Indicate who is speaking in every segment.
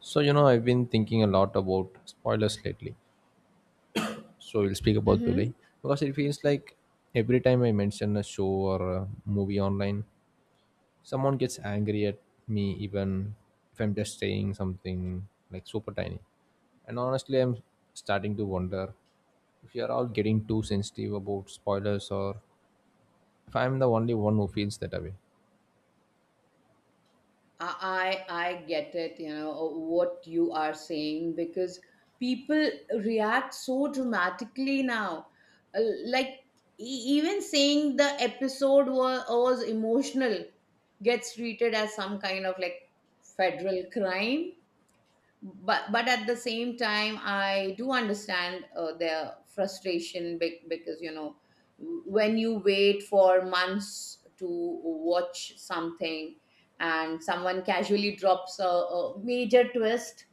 Speaker 1: So, I've been thinking a lot about spoilers lately. So, we'll speak about
Speaker 2: Mm-hmm.
Speaker 1: today because it feels like every time I mention a show or a movie online, someone gets angry at me, even if I'm just saying something like super tiny. And honestly, I'm starting to wonder if you're all getting too sensitive about spoilers, or if I'm the only one who feels that way.
Speaker 2: I get it, you know, what you are saying because people react so dramatically now. Uh, like even saying the episode was emotional gets treated as some kind of like federal crime. But at the same time I do understand their frustration because you know when you wait for months to watch something and someone casually drops a major twist,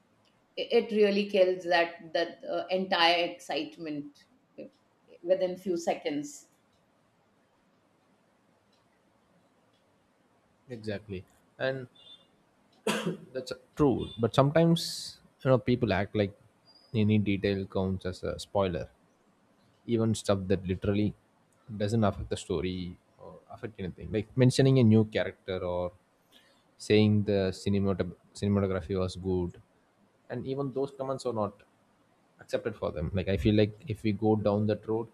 Speaker 2: it really kills that entire excitement within few seconds.
Speaker 1: Exactly. And That's true, but sometimes people act like any detail counts as a spoiler, even stuff that literally doesn't affect the story or affect anything, like mentioning a new character or saying the cinematography was good, and even those comments are not accepted for them. Like, I feel like if we go down that road,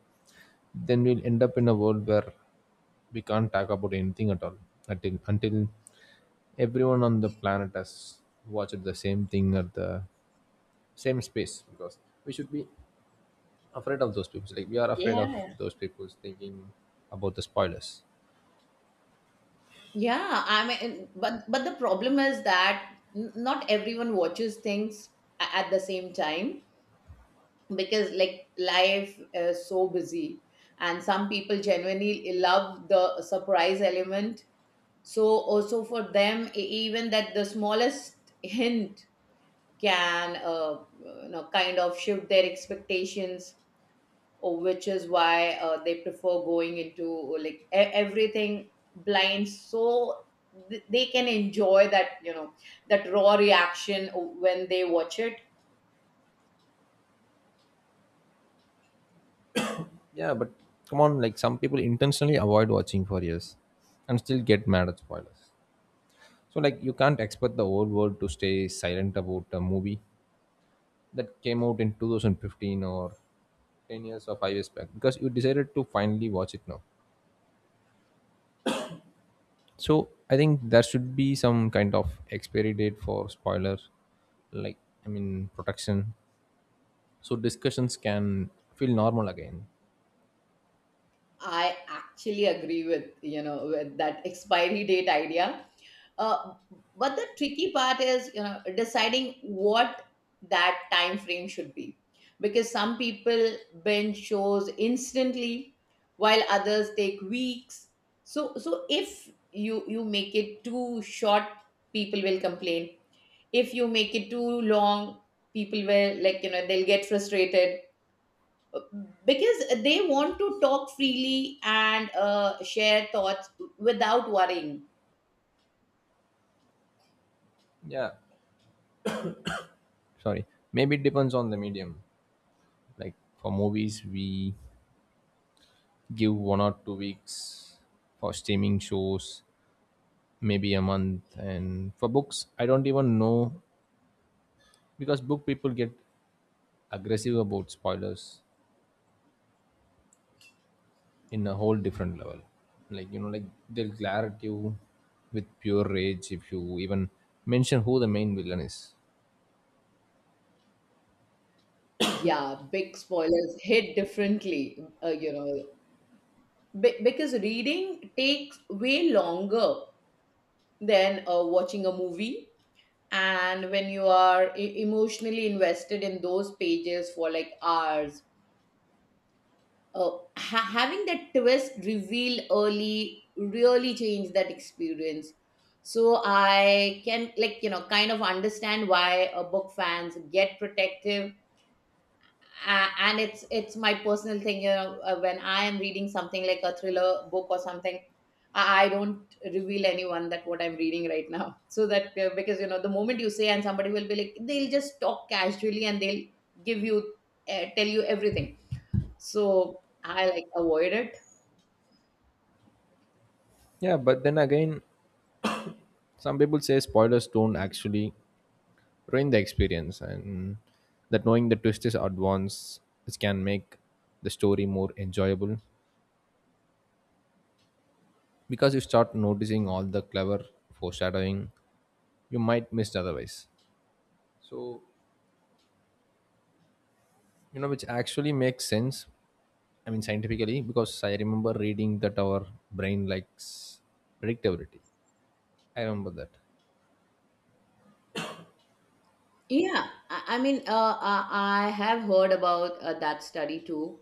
Speaker 1: then we'll end up in a world where we can't talk about anything at all until everyone on the planet has watched the same thing at the same space, because we should be afraid of those people. Like, we are afraid of
Speaker 2: Yeah.
Speaker 1: those people thinking about the spoilers.
Speaker 2: Yeah, I mean, but the problem is that not everyone watches things at the same time, because like life is so busy and some people genuinely love the surprise element, so also for them even that the smallest hint can you know kind of shift their expectations, or which is why they prefer going into like everything blind so they can enjoy that you know that raw reaction when they watch it.
Speaker 1: Yeah, but come on, like, some people intentionally avoid watching for years and still get mad at spoilers. So like, you can't expect the whole world to stay silent about a movie that came out in 2015, or 10 years or 5 years back, because you decided to finally watch it now. So I think there should be some kind of expiry date for spoiler, like, I mean, protection, so discussions can feel normal again.
Speaker 2: I actually agree with you know with that expiry date idea. Uh, but the tricky part is you know deciding what that time frame should be, because some people binge shows instantly, while others take weeks. So if you make it too short, people will complain. If you make it too long, people will like you know they'll get frustrated because they want to talk freely and share thoughts without worrying.
Speaker 1: Yeah, sorry, maybe it depends on the medium. Like, for movies we give 1 or 2 weeks, for streaming shows maybe a month, and for books I don't even know, because book people get aggressive about spoilers in a whole different level. Like, they'll glare at you with pure rage if you even mention who the main villain is.
Speaker 2: Yeah, big spoilers hit differently, you know. Because reading takes way longer than watching a movie, and when you are emotionally invested in those pages for like hours, oh, having that twist revealed early really changed that experience. So I can like you know kind of understand why book fans get protective, and it's my personal thing. You know, when I am reading something like a thriller book or something, I don't reveal anyone that what I'm reading right now. So that because you know the moment you say, and somebody will be like, they'll just talk casually and they'll give you tell you everything. So I like avoid it.
Speaker 1: Yeah, but then again, some people say spoilers don't actually ruin the experience, and that knowing the twist is advanced, which can make the story more enjoyable because you start noticing all the clever foreshadowing you might miss otherwise. So, which actually makes sense. I mean, scientifically, because I remember reading that our brain likes predictability. I remember that.
Speaker 2: Yeah, I mean, I have heard about that study too,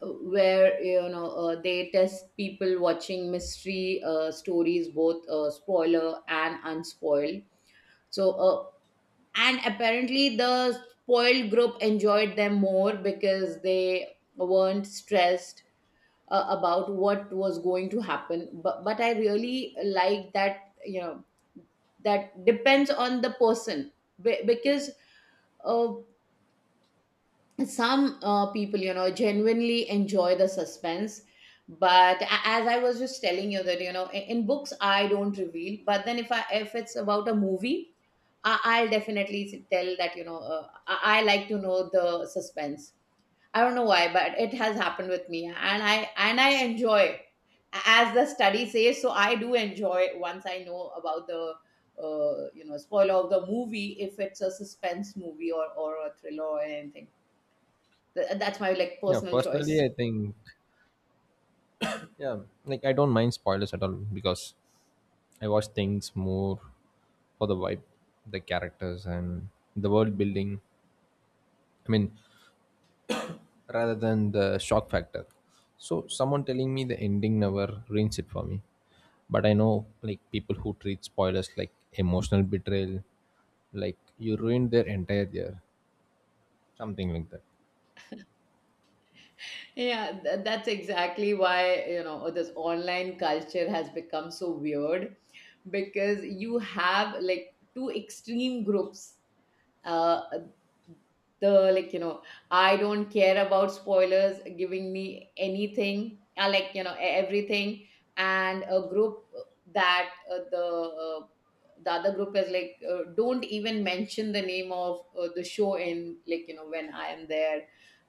Speaker 2: uh, where you know they test people watching mystery stories, both spoiler and unspoiled. So, and apparently the spoiled group enjoyed them more because they weren't stressed about what was going to happen. But I really like that you know that depends on the person. Be- because. Uh, some people you know genuinely enjoy the suspense, but as I was just telling you that you know in books I don't reveal, but then if I, if it's about a movie, I'll definitely tell that you know I like to know the suspense. I don't know why, but it has happened with me and I enjoy as the study says, so I do enjoy once I know about the you know spoiler of the movie if it's a suspense movie or a thriller or anything. That's my like
Speaker 1: Yeah,
Speaker 2: personal
Speaker 1: personally
Speaker 2: choice.
Speaker 1: I think, yeah, like I don't mind spoilers at all, because I watch things more for the vibe, the characters, and the world building, I mean, rather than the shock factor. So someone telling me the ending never ruins it for me, but I know like people who treat spoilers like emotional betrayal, like you ruined their entire year, something like that.
Speaker 2: Yeah, that's exactly why, you know, this online culture has become so weird because you have like two extreme groups, uh, the like you know I don't care about spoilers giving me anything I like you know everything, and a group that the other group is like don't even mention the name of the show in like you know when I am there,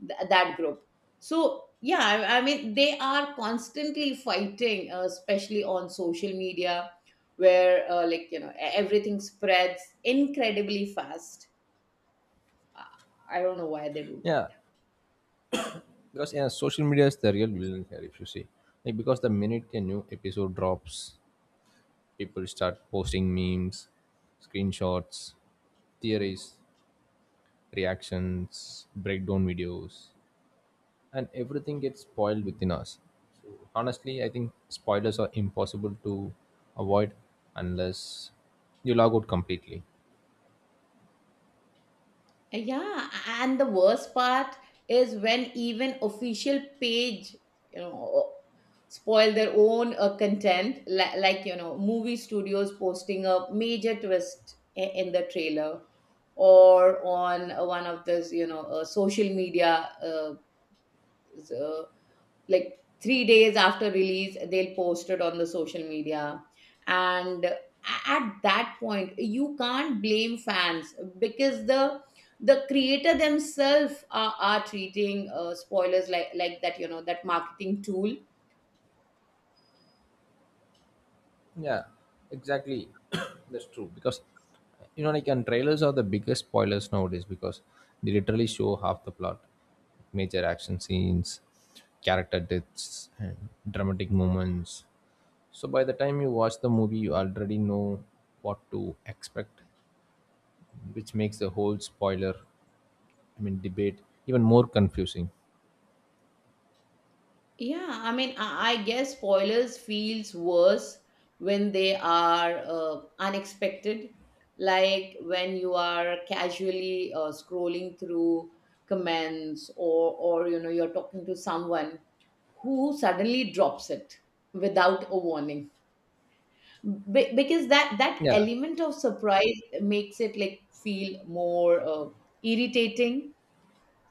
Speaker 2: that group. So yeah, I mean they are constantly fighting especially on social media where like you know everything spreads incredibly fast. I don't know why they do that.
Speaker 1: Yeah, because yeah, social media is the real villain here, if you see. Like, because the minute a new episode drops, people start posting memes, screenshots, theories, reactions, breakdown videos, and everything gets spoiled within us. So honestly, I think spoilers are impossible to avoid unless you log out completely.
Speaker 2: Yeah, and the worst part is when even official page, you know, spoil their own content, like you know, movie studios posting a major twist in the trailer or on one of those, you know, social media, uh, like 3 days after release they'll post it on the social media, and at that point you can't blame fans because the creator themselves are treating spoilers like that you know that marketing tool.
Speaker 1: Yeah, exactly. That's true, because and trailers are the biggest spoilers nowadays because they literally show half the plot, major action scenes, character deaths, and dramatic moments. So by the time you watch the movie, you already know what to expect, which makes the whole spoiler, I mean, debate even more confusing.
Speaker 2: Yeah, I mean, I guess spoilers feels worse when they are unexpected, like when you are casually scrolling through comments, or you know you're talking to someone who suddenly drops it without a warning. Because that
Speaker 1: Yeah,
Speaker 2: element of surprise makes it like feel more irritating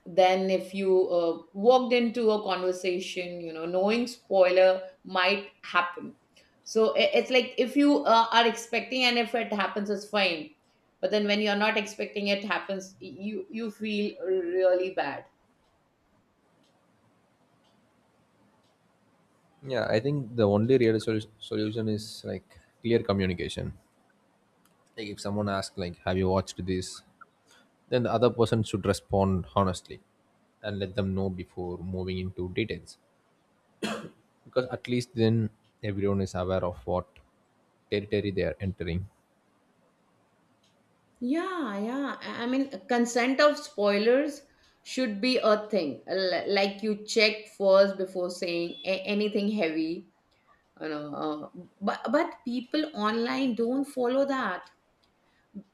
Speaker 2: then if you walked into a conversation you know knowing spoiler might happen. So it's like if you are expecting and if it happens, it's fine, but then when you're not expecting it happens, you feel really bad.
Speaker 1: yeah. I think the only real solution is like clear communication. Like, if someone asks like, "Have you watched this?" then the other person should respond honestly and let them know before moving into details, because at least then everyone is aware of what territory they are entering.
Speaker 2: Yeah, yeah, I mean consent of spoilers should be a thing. Like you check first before saying anything heavy, you know. But people online don't follow that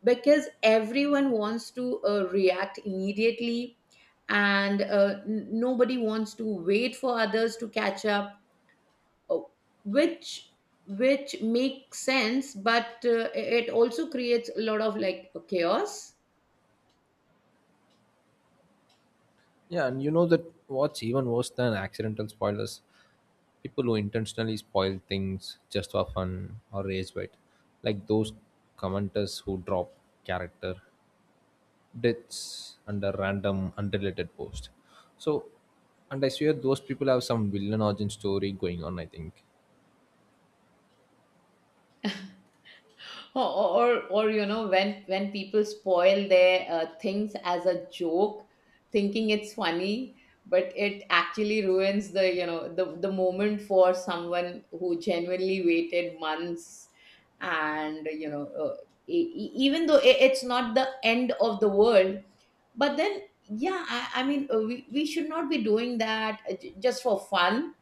Speaker 2: because everyone wants to react immediately, and nobody wants to wait for others to catch up, uh, which which makes sense, but it also creates a lot of like chaos.
Speaker 1: Yeah, and that what's even worse than accidental spoilers, people who intentionally spoil things just for fun or rage bait, like those commenters who drop character deaths under random unrelated post. So, and I swear those people have some villain origin story going on, I think.
Speaker 2: Or you know when people spoil their things as a joke thinking it's funny, but it actually ruins the you know the moment for someone who genuinely waited months. And you know even though it's not the end of the world, but then yeah, I mean we should not be doing that just for fun.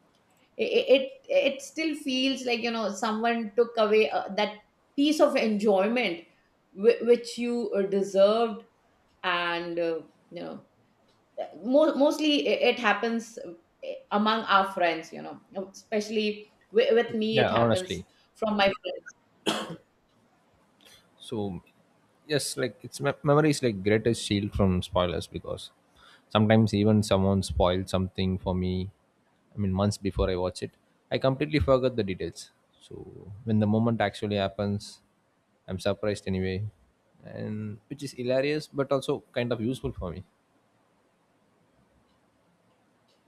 Speaker 2: It still feels like you know someone took away that piece of enjoyment which you deserved. And you know, mostly it happens among our friends, you know, especially with me it
Speaker 1: Yeah,
Speaker 2: happens
Speaker 1: honestly,
Speaker 2: from my—
Speaker 1: so yes, like it's memory is like greatest shield from spoilers, because sometimes even someone spoiled something for me, I mean months before I watch it, I completely forgot the details. So when the moment actually happens, I'm surprised anyway, and which is hilarious but also kind of useful for me.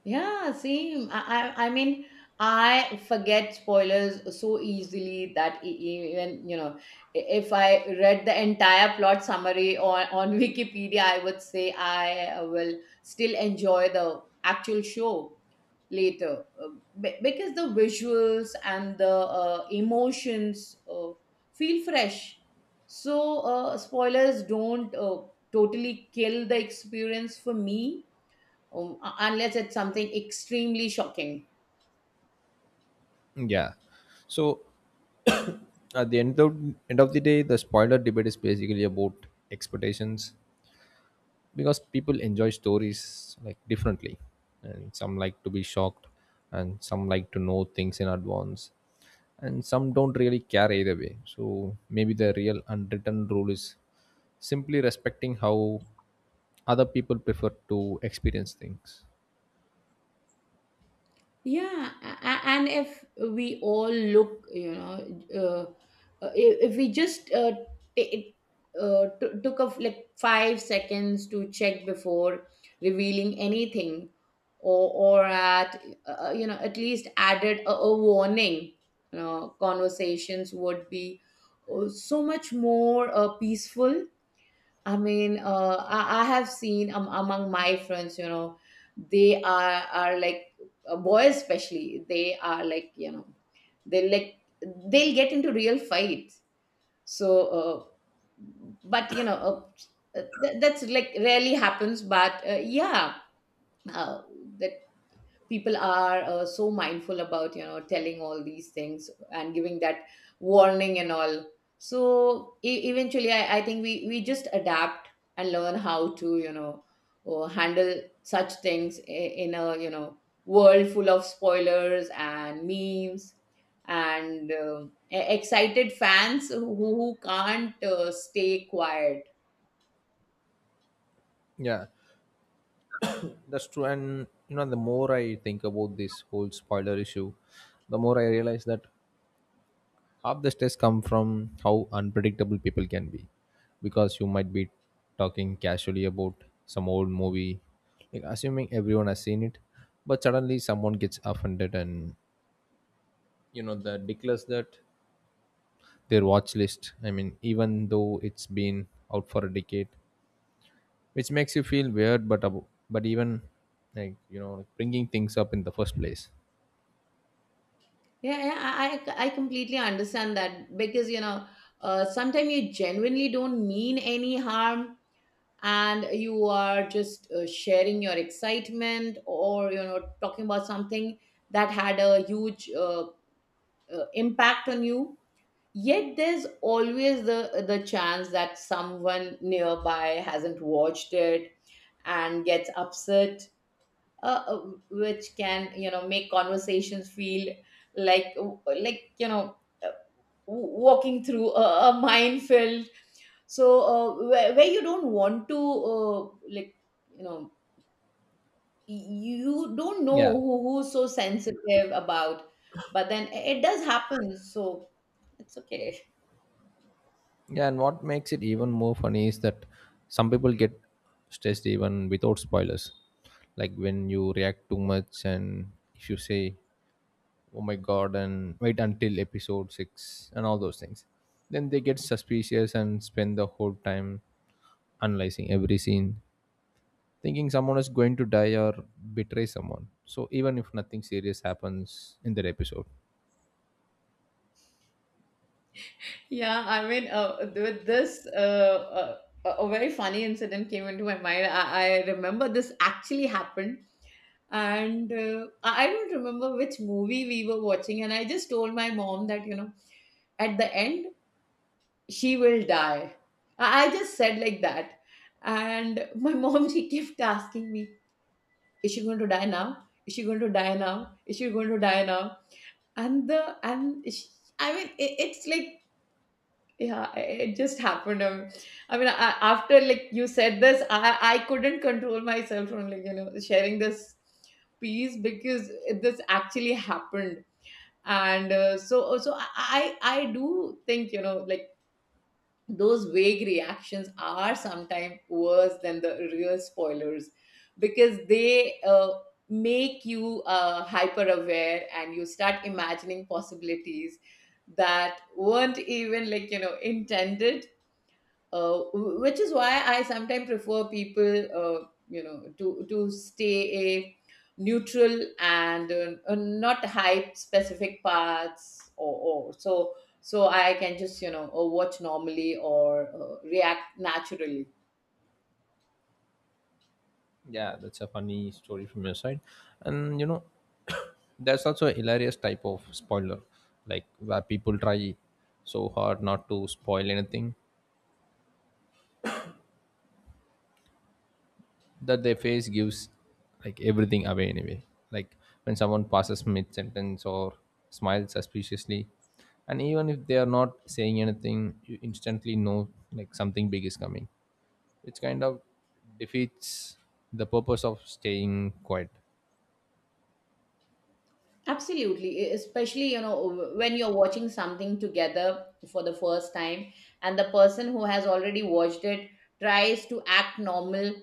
Speaker 2: Yeah, same. I mean, I forget spoilers so easily that even, you know, if I read the entire plot summary on Wikipedia, I would say I will still enjoy the actual show later. Because the visuals and the emotions feel fresh. So, spoilers don't totally kill the experience for me, unless it's something extremely shocking.
Speaker 1: Yeah. So at the end of the day, the spoiler debate is basically about expectations, because people enjoy stories like differently, and some like to be shocked, and some like to know things in advance, and some don't really care either way. So maybe the real unwritten rule is simply respecting how other people prefer to experience things.
Speaker 2: Yeah, and if we all look, you know, if we just t- took of like 5 seconds to check before revealing anything, or or at you know at least added a warning, you know, conversations would be so much more peaceful. I mean, I have seen among my friends, you know, they are like boys especially. They are like you know, they like they'll get into real fights. So, but you know, that's like rarely happens. But yeah, uh, that people are so mindful about you know telling all these things and giving that warning and all, so eventually I think we just adapt and learn how to you know handle such things in a you know world full of spoilers and memes, and excited fans who can't stay quiet.
Speaker 1: Yeah. That's true, and the more I think about this whole spoiler issue, the more I realize that half the stress come from how unpredictable people can be, because you might be talking casually about some old movie, like assuming everyone has seen it, but suddenly someone gets offended and the declares that their watch list. I mean, even though it's been out for a decade, which makes you feel weird, but abo- but even bringing things up in the first place.
Speaker 2: Yeah, yeah, I completely understand that because you know, sometimes you genuinely don't mean any harm, and you are just sharing your excitement or you know talking about something that had a huge impact on you. Yet there's always the chance that someone nearby hasn't watched it and gets upset, uh, which can you know make conversations feel like like you know uh, walking through a minefield. So where you don't want to like you know you don't know
Speaker 1: Yeah.
Speaker 2: who, who's so sensitive about— but then it does happen, so it's okay.
Speaker 1: Yeah, and what makes it even more funny is that some people get stressed even without spoilers. Like, when you react too much and if you say, oh my god, and wait until episode 6 and all those things, then they get suspicious and spend the whole time analyzing every scene, thinking someone is going to die or betray someone. So even if nothing serious happens in that episode.
Speaker 2: Yeah, I mean, with this, a very funny incident came into my mind. I remember this actually happened. And I don't remember which movie we were watching, and I just told my mom that at the end she will die. I just said like that. And my mom, she kept asking me, is she going to die now, is she going to die now, is she going to die now? And the and she, I mean it, it's like Yeah, it just happened. After like you said this, I couldn't control myself from sharing this piece, because this actually happened. And I do think like those vague reactions are sometimes worse than the real spoilers, because they make you hyper aware and you start imagining possibilities that weren't even intended. Which is why I sometimes prefer people, to stay a neutral and not hype specific parts, or so, so I can just watch normally or react naturally.
Speaker 1: Yeah, that's a funny story from your side. And there's also a hilarious type of spoiler, like where people try so hard not to spoil anything that their face gives like everything away anyway. Like when someone passes mid sentence or smiles suspiciously, and even if they are not saying anything, you instantly know like something big is coming, which kind of defeats the purpose of staying quiet.
Speaker 2: Absolutely, especially when you're watching something together for the first time, and the person who has already watched it tries to act normal,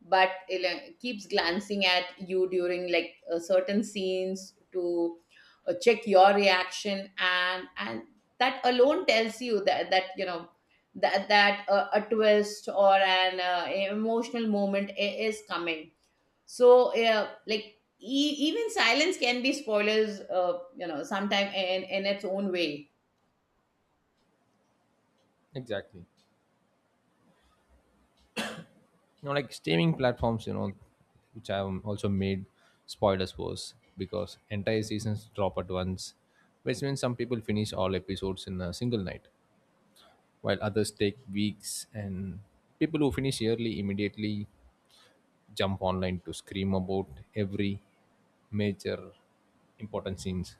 Speaker 2: but keeps glancing at you during certain scenes to check your reaction, and that alone tells you that that you know that that a twist or an emotional moment is coming. So yeah, like even silence can be spoilers, sometime in its own way.
Speaker 1: Exactly. Streaming platforms, which have also made spoilers worse because entire seasons drop at once, which means some people finish all episodes in a single night while others take weeks, and people who finish early immediately jump online to scream about every major important scenes.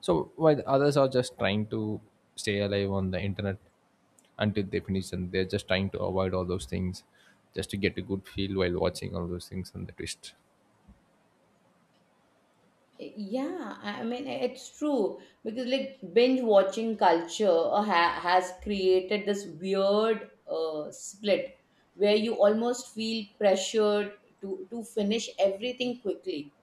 Speaker 1: So, while others are just trying to stay alive on the internet until they finish, and they're just trying to avoid all those things just to get a good feel while watching all those things and the twist.
Speaker 2: Yeah, I mean, it's true, because like binge watching culture ha has created this weird split where you almost feel pressured to finish everything quickly,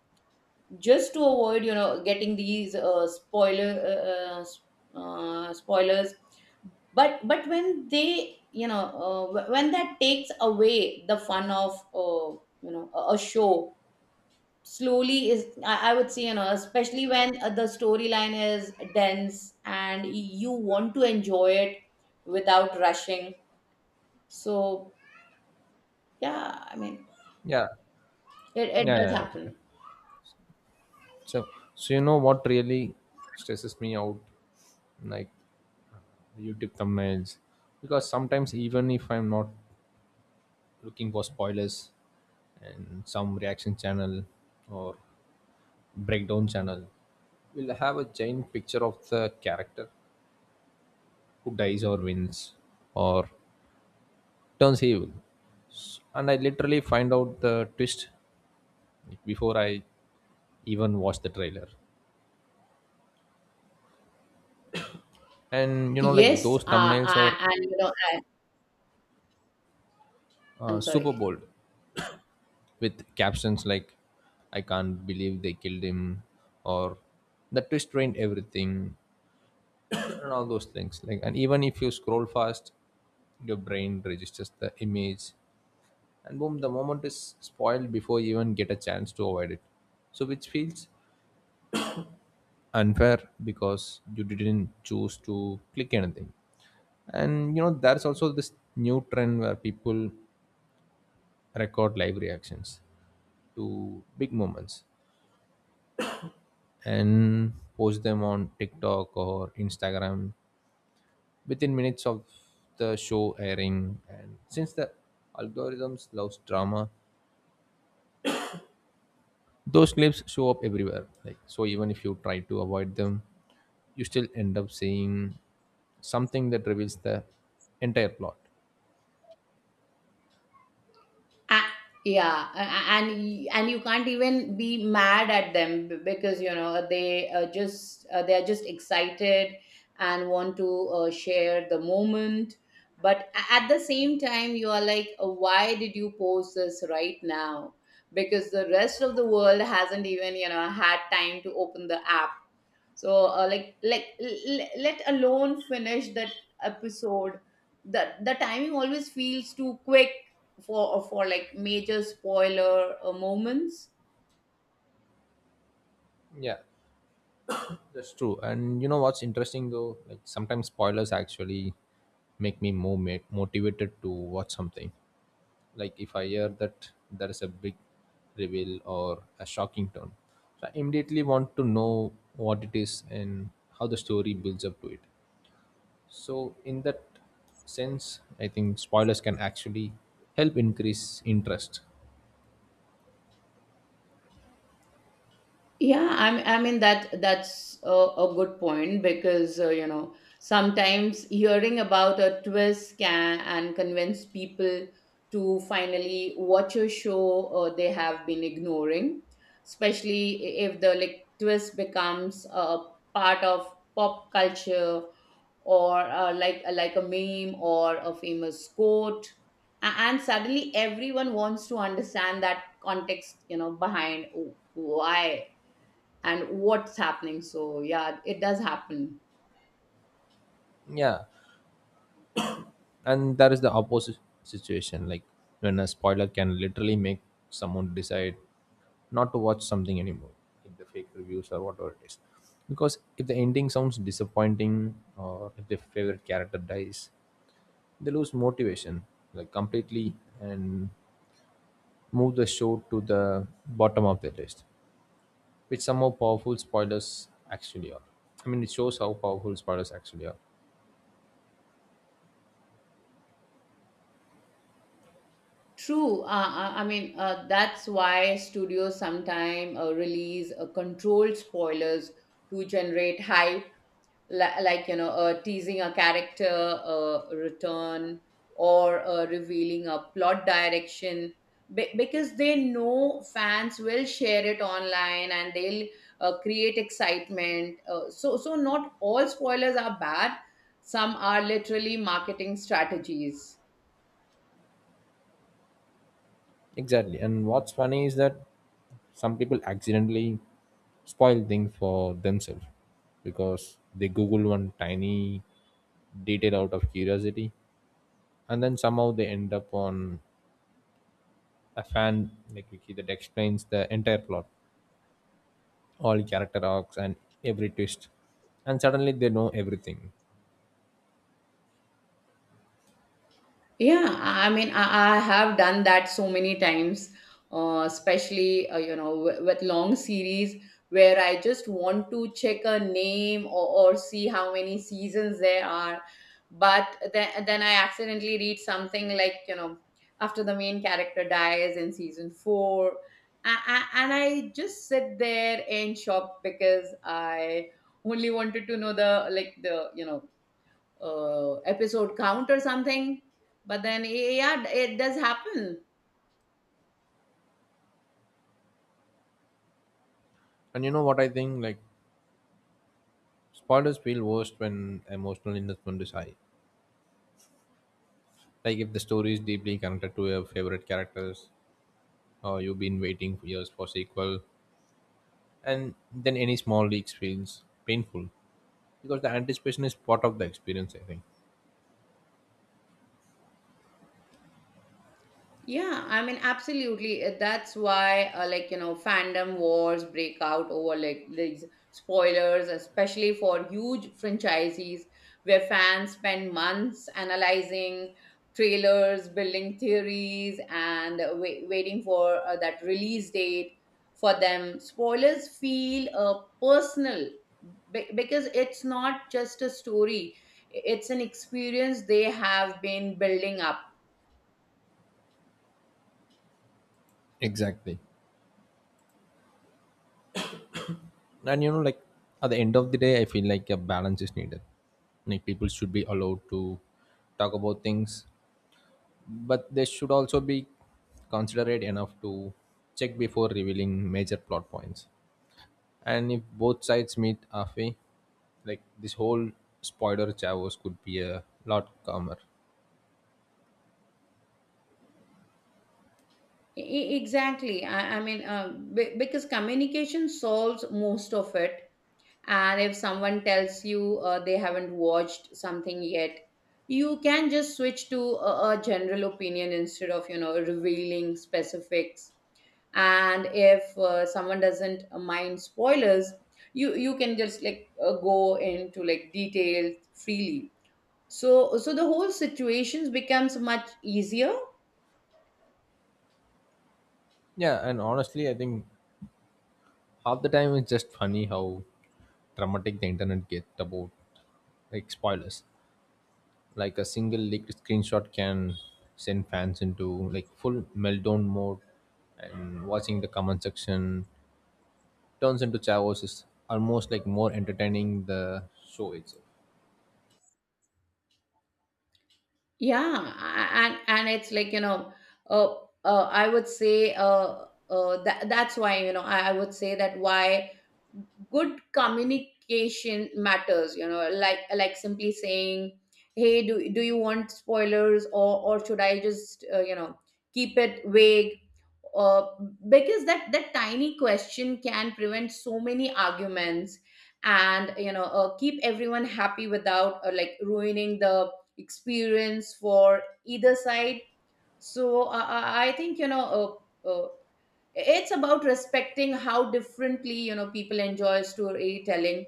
Speaker 2: just to avoid getting these spoilers. But when they when that takes away the fun of, a show slowly, is, I would say, especially when the storyline is dense and you want to enjoy it without rushing. So yeah,
Speaker 1: Yeah,
Speaker 2: it, it does
Speaker 1: yeah. Okay.
Speaker 2: happen.
Speaker 1: So, so what really stresses me out, like, YouTube thumbnails, because sometimes even if I'm not looking for spoilers, and some reaction channel or breakdown channel will have a giant picture of the character who dies or wins or turns evil. And I literally find out the twist before I even watch the trailer. And
Speaker 2: Yes,
Speaker 1: those thumbnails are
Speaker 2: I, and you know I, I'm
Speaker 1: super
Speaker 2: sorry.
Speaker 1: bold with captions like "I can't believe they killed him" or "The twist ruined everything." And all those things, like, and even if you scroll fast your brain registers the image and boom, the moment is spoiled before you even get a chance to avoid it. So which feels unfair because you didn't choose to click anything. And there's also this new trend where people record live reactions to big moments and post them on TikTok or Instagram within minutes of the show airing. And since the algorithms loves drama, those clips show up everywhere. Like, so even if you try to avoid them, you still end up seeing something that reveals the entire plot.
Speaker 2: A- yeah, and and you can't even be mad at them, because they are just excited and want to share the moment. But at the same time you are like, why did you post this right now, because the rest of the world hasn't even had time to open the app. So let alone finish that episode. The timing always feels too quick for like major spoiler moments.
Speaker 1: Yeah, that's true. And you know what's interesting though? Like sometimes spoilers actually make me more motivated to watch something. Like, if I hear that there is a big reveal or a shocking turn, so I immediately want to know what it is and how the story builds up to it. So in that sense, I think spoilers can actually help increase interest.
Speaker 2: Yeah, I mean, that's a good point, because sometimes hearing about a twist can and convince people to finally watch a show they have been ignoring, especially if the like twist becomes a part of pop culture, or, like a meme or a famous quote. And suddenly everyone wants to understand that context, behind why and what's happening. So yeah, it does happen.
Speaker 1: Yeah, and that is the opposite situation, like when a spoiler can literally make someone decide not to watch something anymore, if the fake reviews or whatever it is, because if the ending sounds disappointing or if their favorite character dies, they lose motivation, like completely, and move the show to the bottom of the list, which somehow powerful spoilers actually are. I mean, it shows how powerful spoilers actually are.
Speaker 2: True. I mean, that's why studios sometimes release controlled spoilers to generate hype, like teasing a character return, or revealing a plot direction. Because they know fans will share it online, and they'll create excitement. So not all spoilers are bad; some are literally marketing strategies.
Speaker 1: Exactly. And what's funny is that some people accidentally spoil things for themselves because they Google one tiny detail out of curiosity, and then somehow they end up on a fan like wiki that explains the entire plot, all character arcs, and every twist. And suddenly they know everything.
Speaker 2: Yeah, I mean, I have done that so many times, especially, with long series where I just want to check a name, or see how many seasons there are, but then I accidentally read something like, after the main character dies in season four, and I just sit there in shock, because I only wanted to know the like the, episode count or something. But then yeah, it does happen.
Speaker 1: And you know what I think? Like spoilers feel worst when emotional investment is high. Like if the story is deeply connected to your favorite characters, uh, you've been waiting for years for sequel, and then any small leaks feels painful because the anticipation is part of the experience, I think.
Speaker 2: Yeah, I mean, absolutely. That's why, fandom wars break out over like these spoilers, especially for huge franchises where fans spend months analyzing trailers, building theories, and waiting for that release date. For them, spoilers feel personal, because it's not just a story, it's an experience they have been building up.
Speaker 1: Exactly. And at the end of the day, I feel like a balance is needed. Like, people should be allowed to talk about things, but they should also be considerate enough to check before revealing major plot points. And if both sides meet halfway, like this whole spoiler chaos could be a lot calmer.
Speaker 2: Exactly. I mean, because communication solves most of it. And if someone tells you they haven't watched something yet, you can just switch to a general opinion instead of, revealing specifics. And if someone doesn't mind spoilers, you can just go into like details freely. So the whole situations becomes much easier.
Speaker 1: Yeah, and honestly, I think half the time it's just funny how dramatic the internet gets about like spoilers. Like a single leaked screenshot can send fans into like full meltdown mode, and watching the comment section turns into chavos is almost like more entertaining the show itself.
Speaker 2: Yeah, and it's like, you know uh, I would say that, that's why, I would say that, why good communication matters, like simply saying, hey, do, do you want spoilers, or should I just, keep it vague, uh, because that, that tiny question can prevent so many arguments and keep everyone happy without like ruining the experience for either side. So I think, it's about respecting how differently, people enjoy storytelling,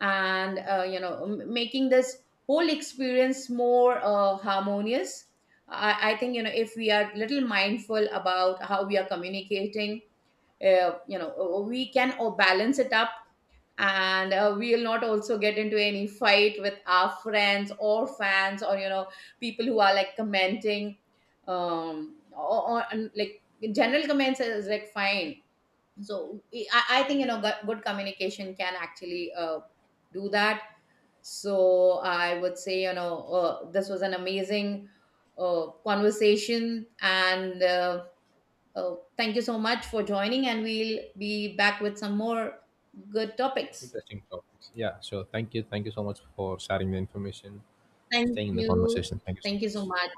Speaker 2: and, m- making this whole experience more harmonious. I think, if we are little mindful about how we are communicating, we can balance it up, and we will not also get into any fight with our friends or fans, or people who are like commenting. Or, like general comments is like fine. So I think, good, good communication can actually do that. So I would say, this was an amazing conversation, and, thank you so much for joining, and we'll be back with some more good topics.
Speaker 1: Interesting topics. Yeah, sure. Thank you. Thank you so much for sharing the information,
Speaker 2: Thank
Speaker 1: staying in the
Speaker 2: you.
Speaker 1: conversation. Thank you so
Speaker 2: Thank you so
Speaker 1: much.
Speaker 2: much.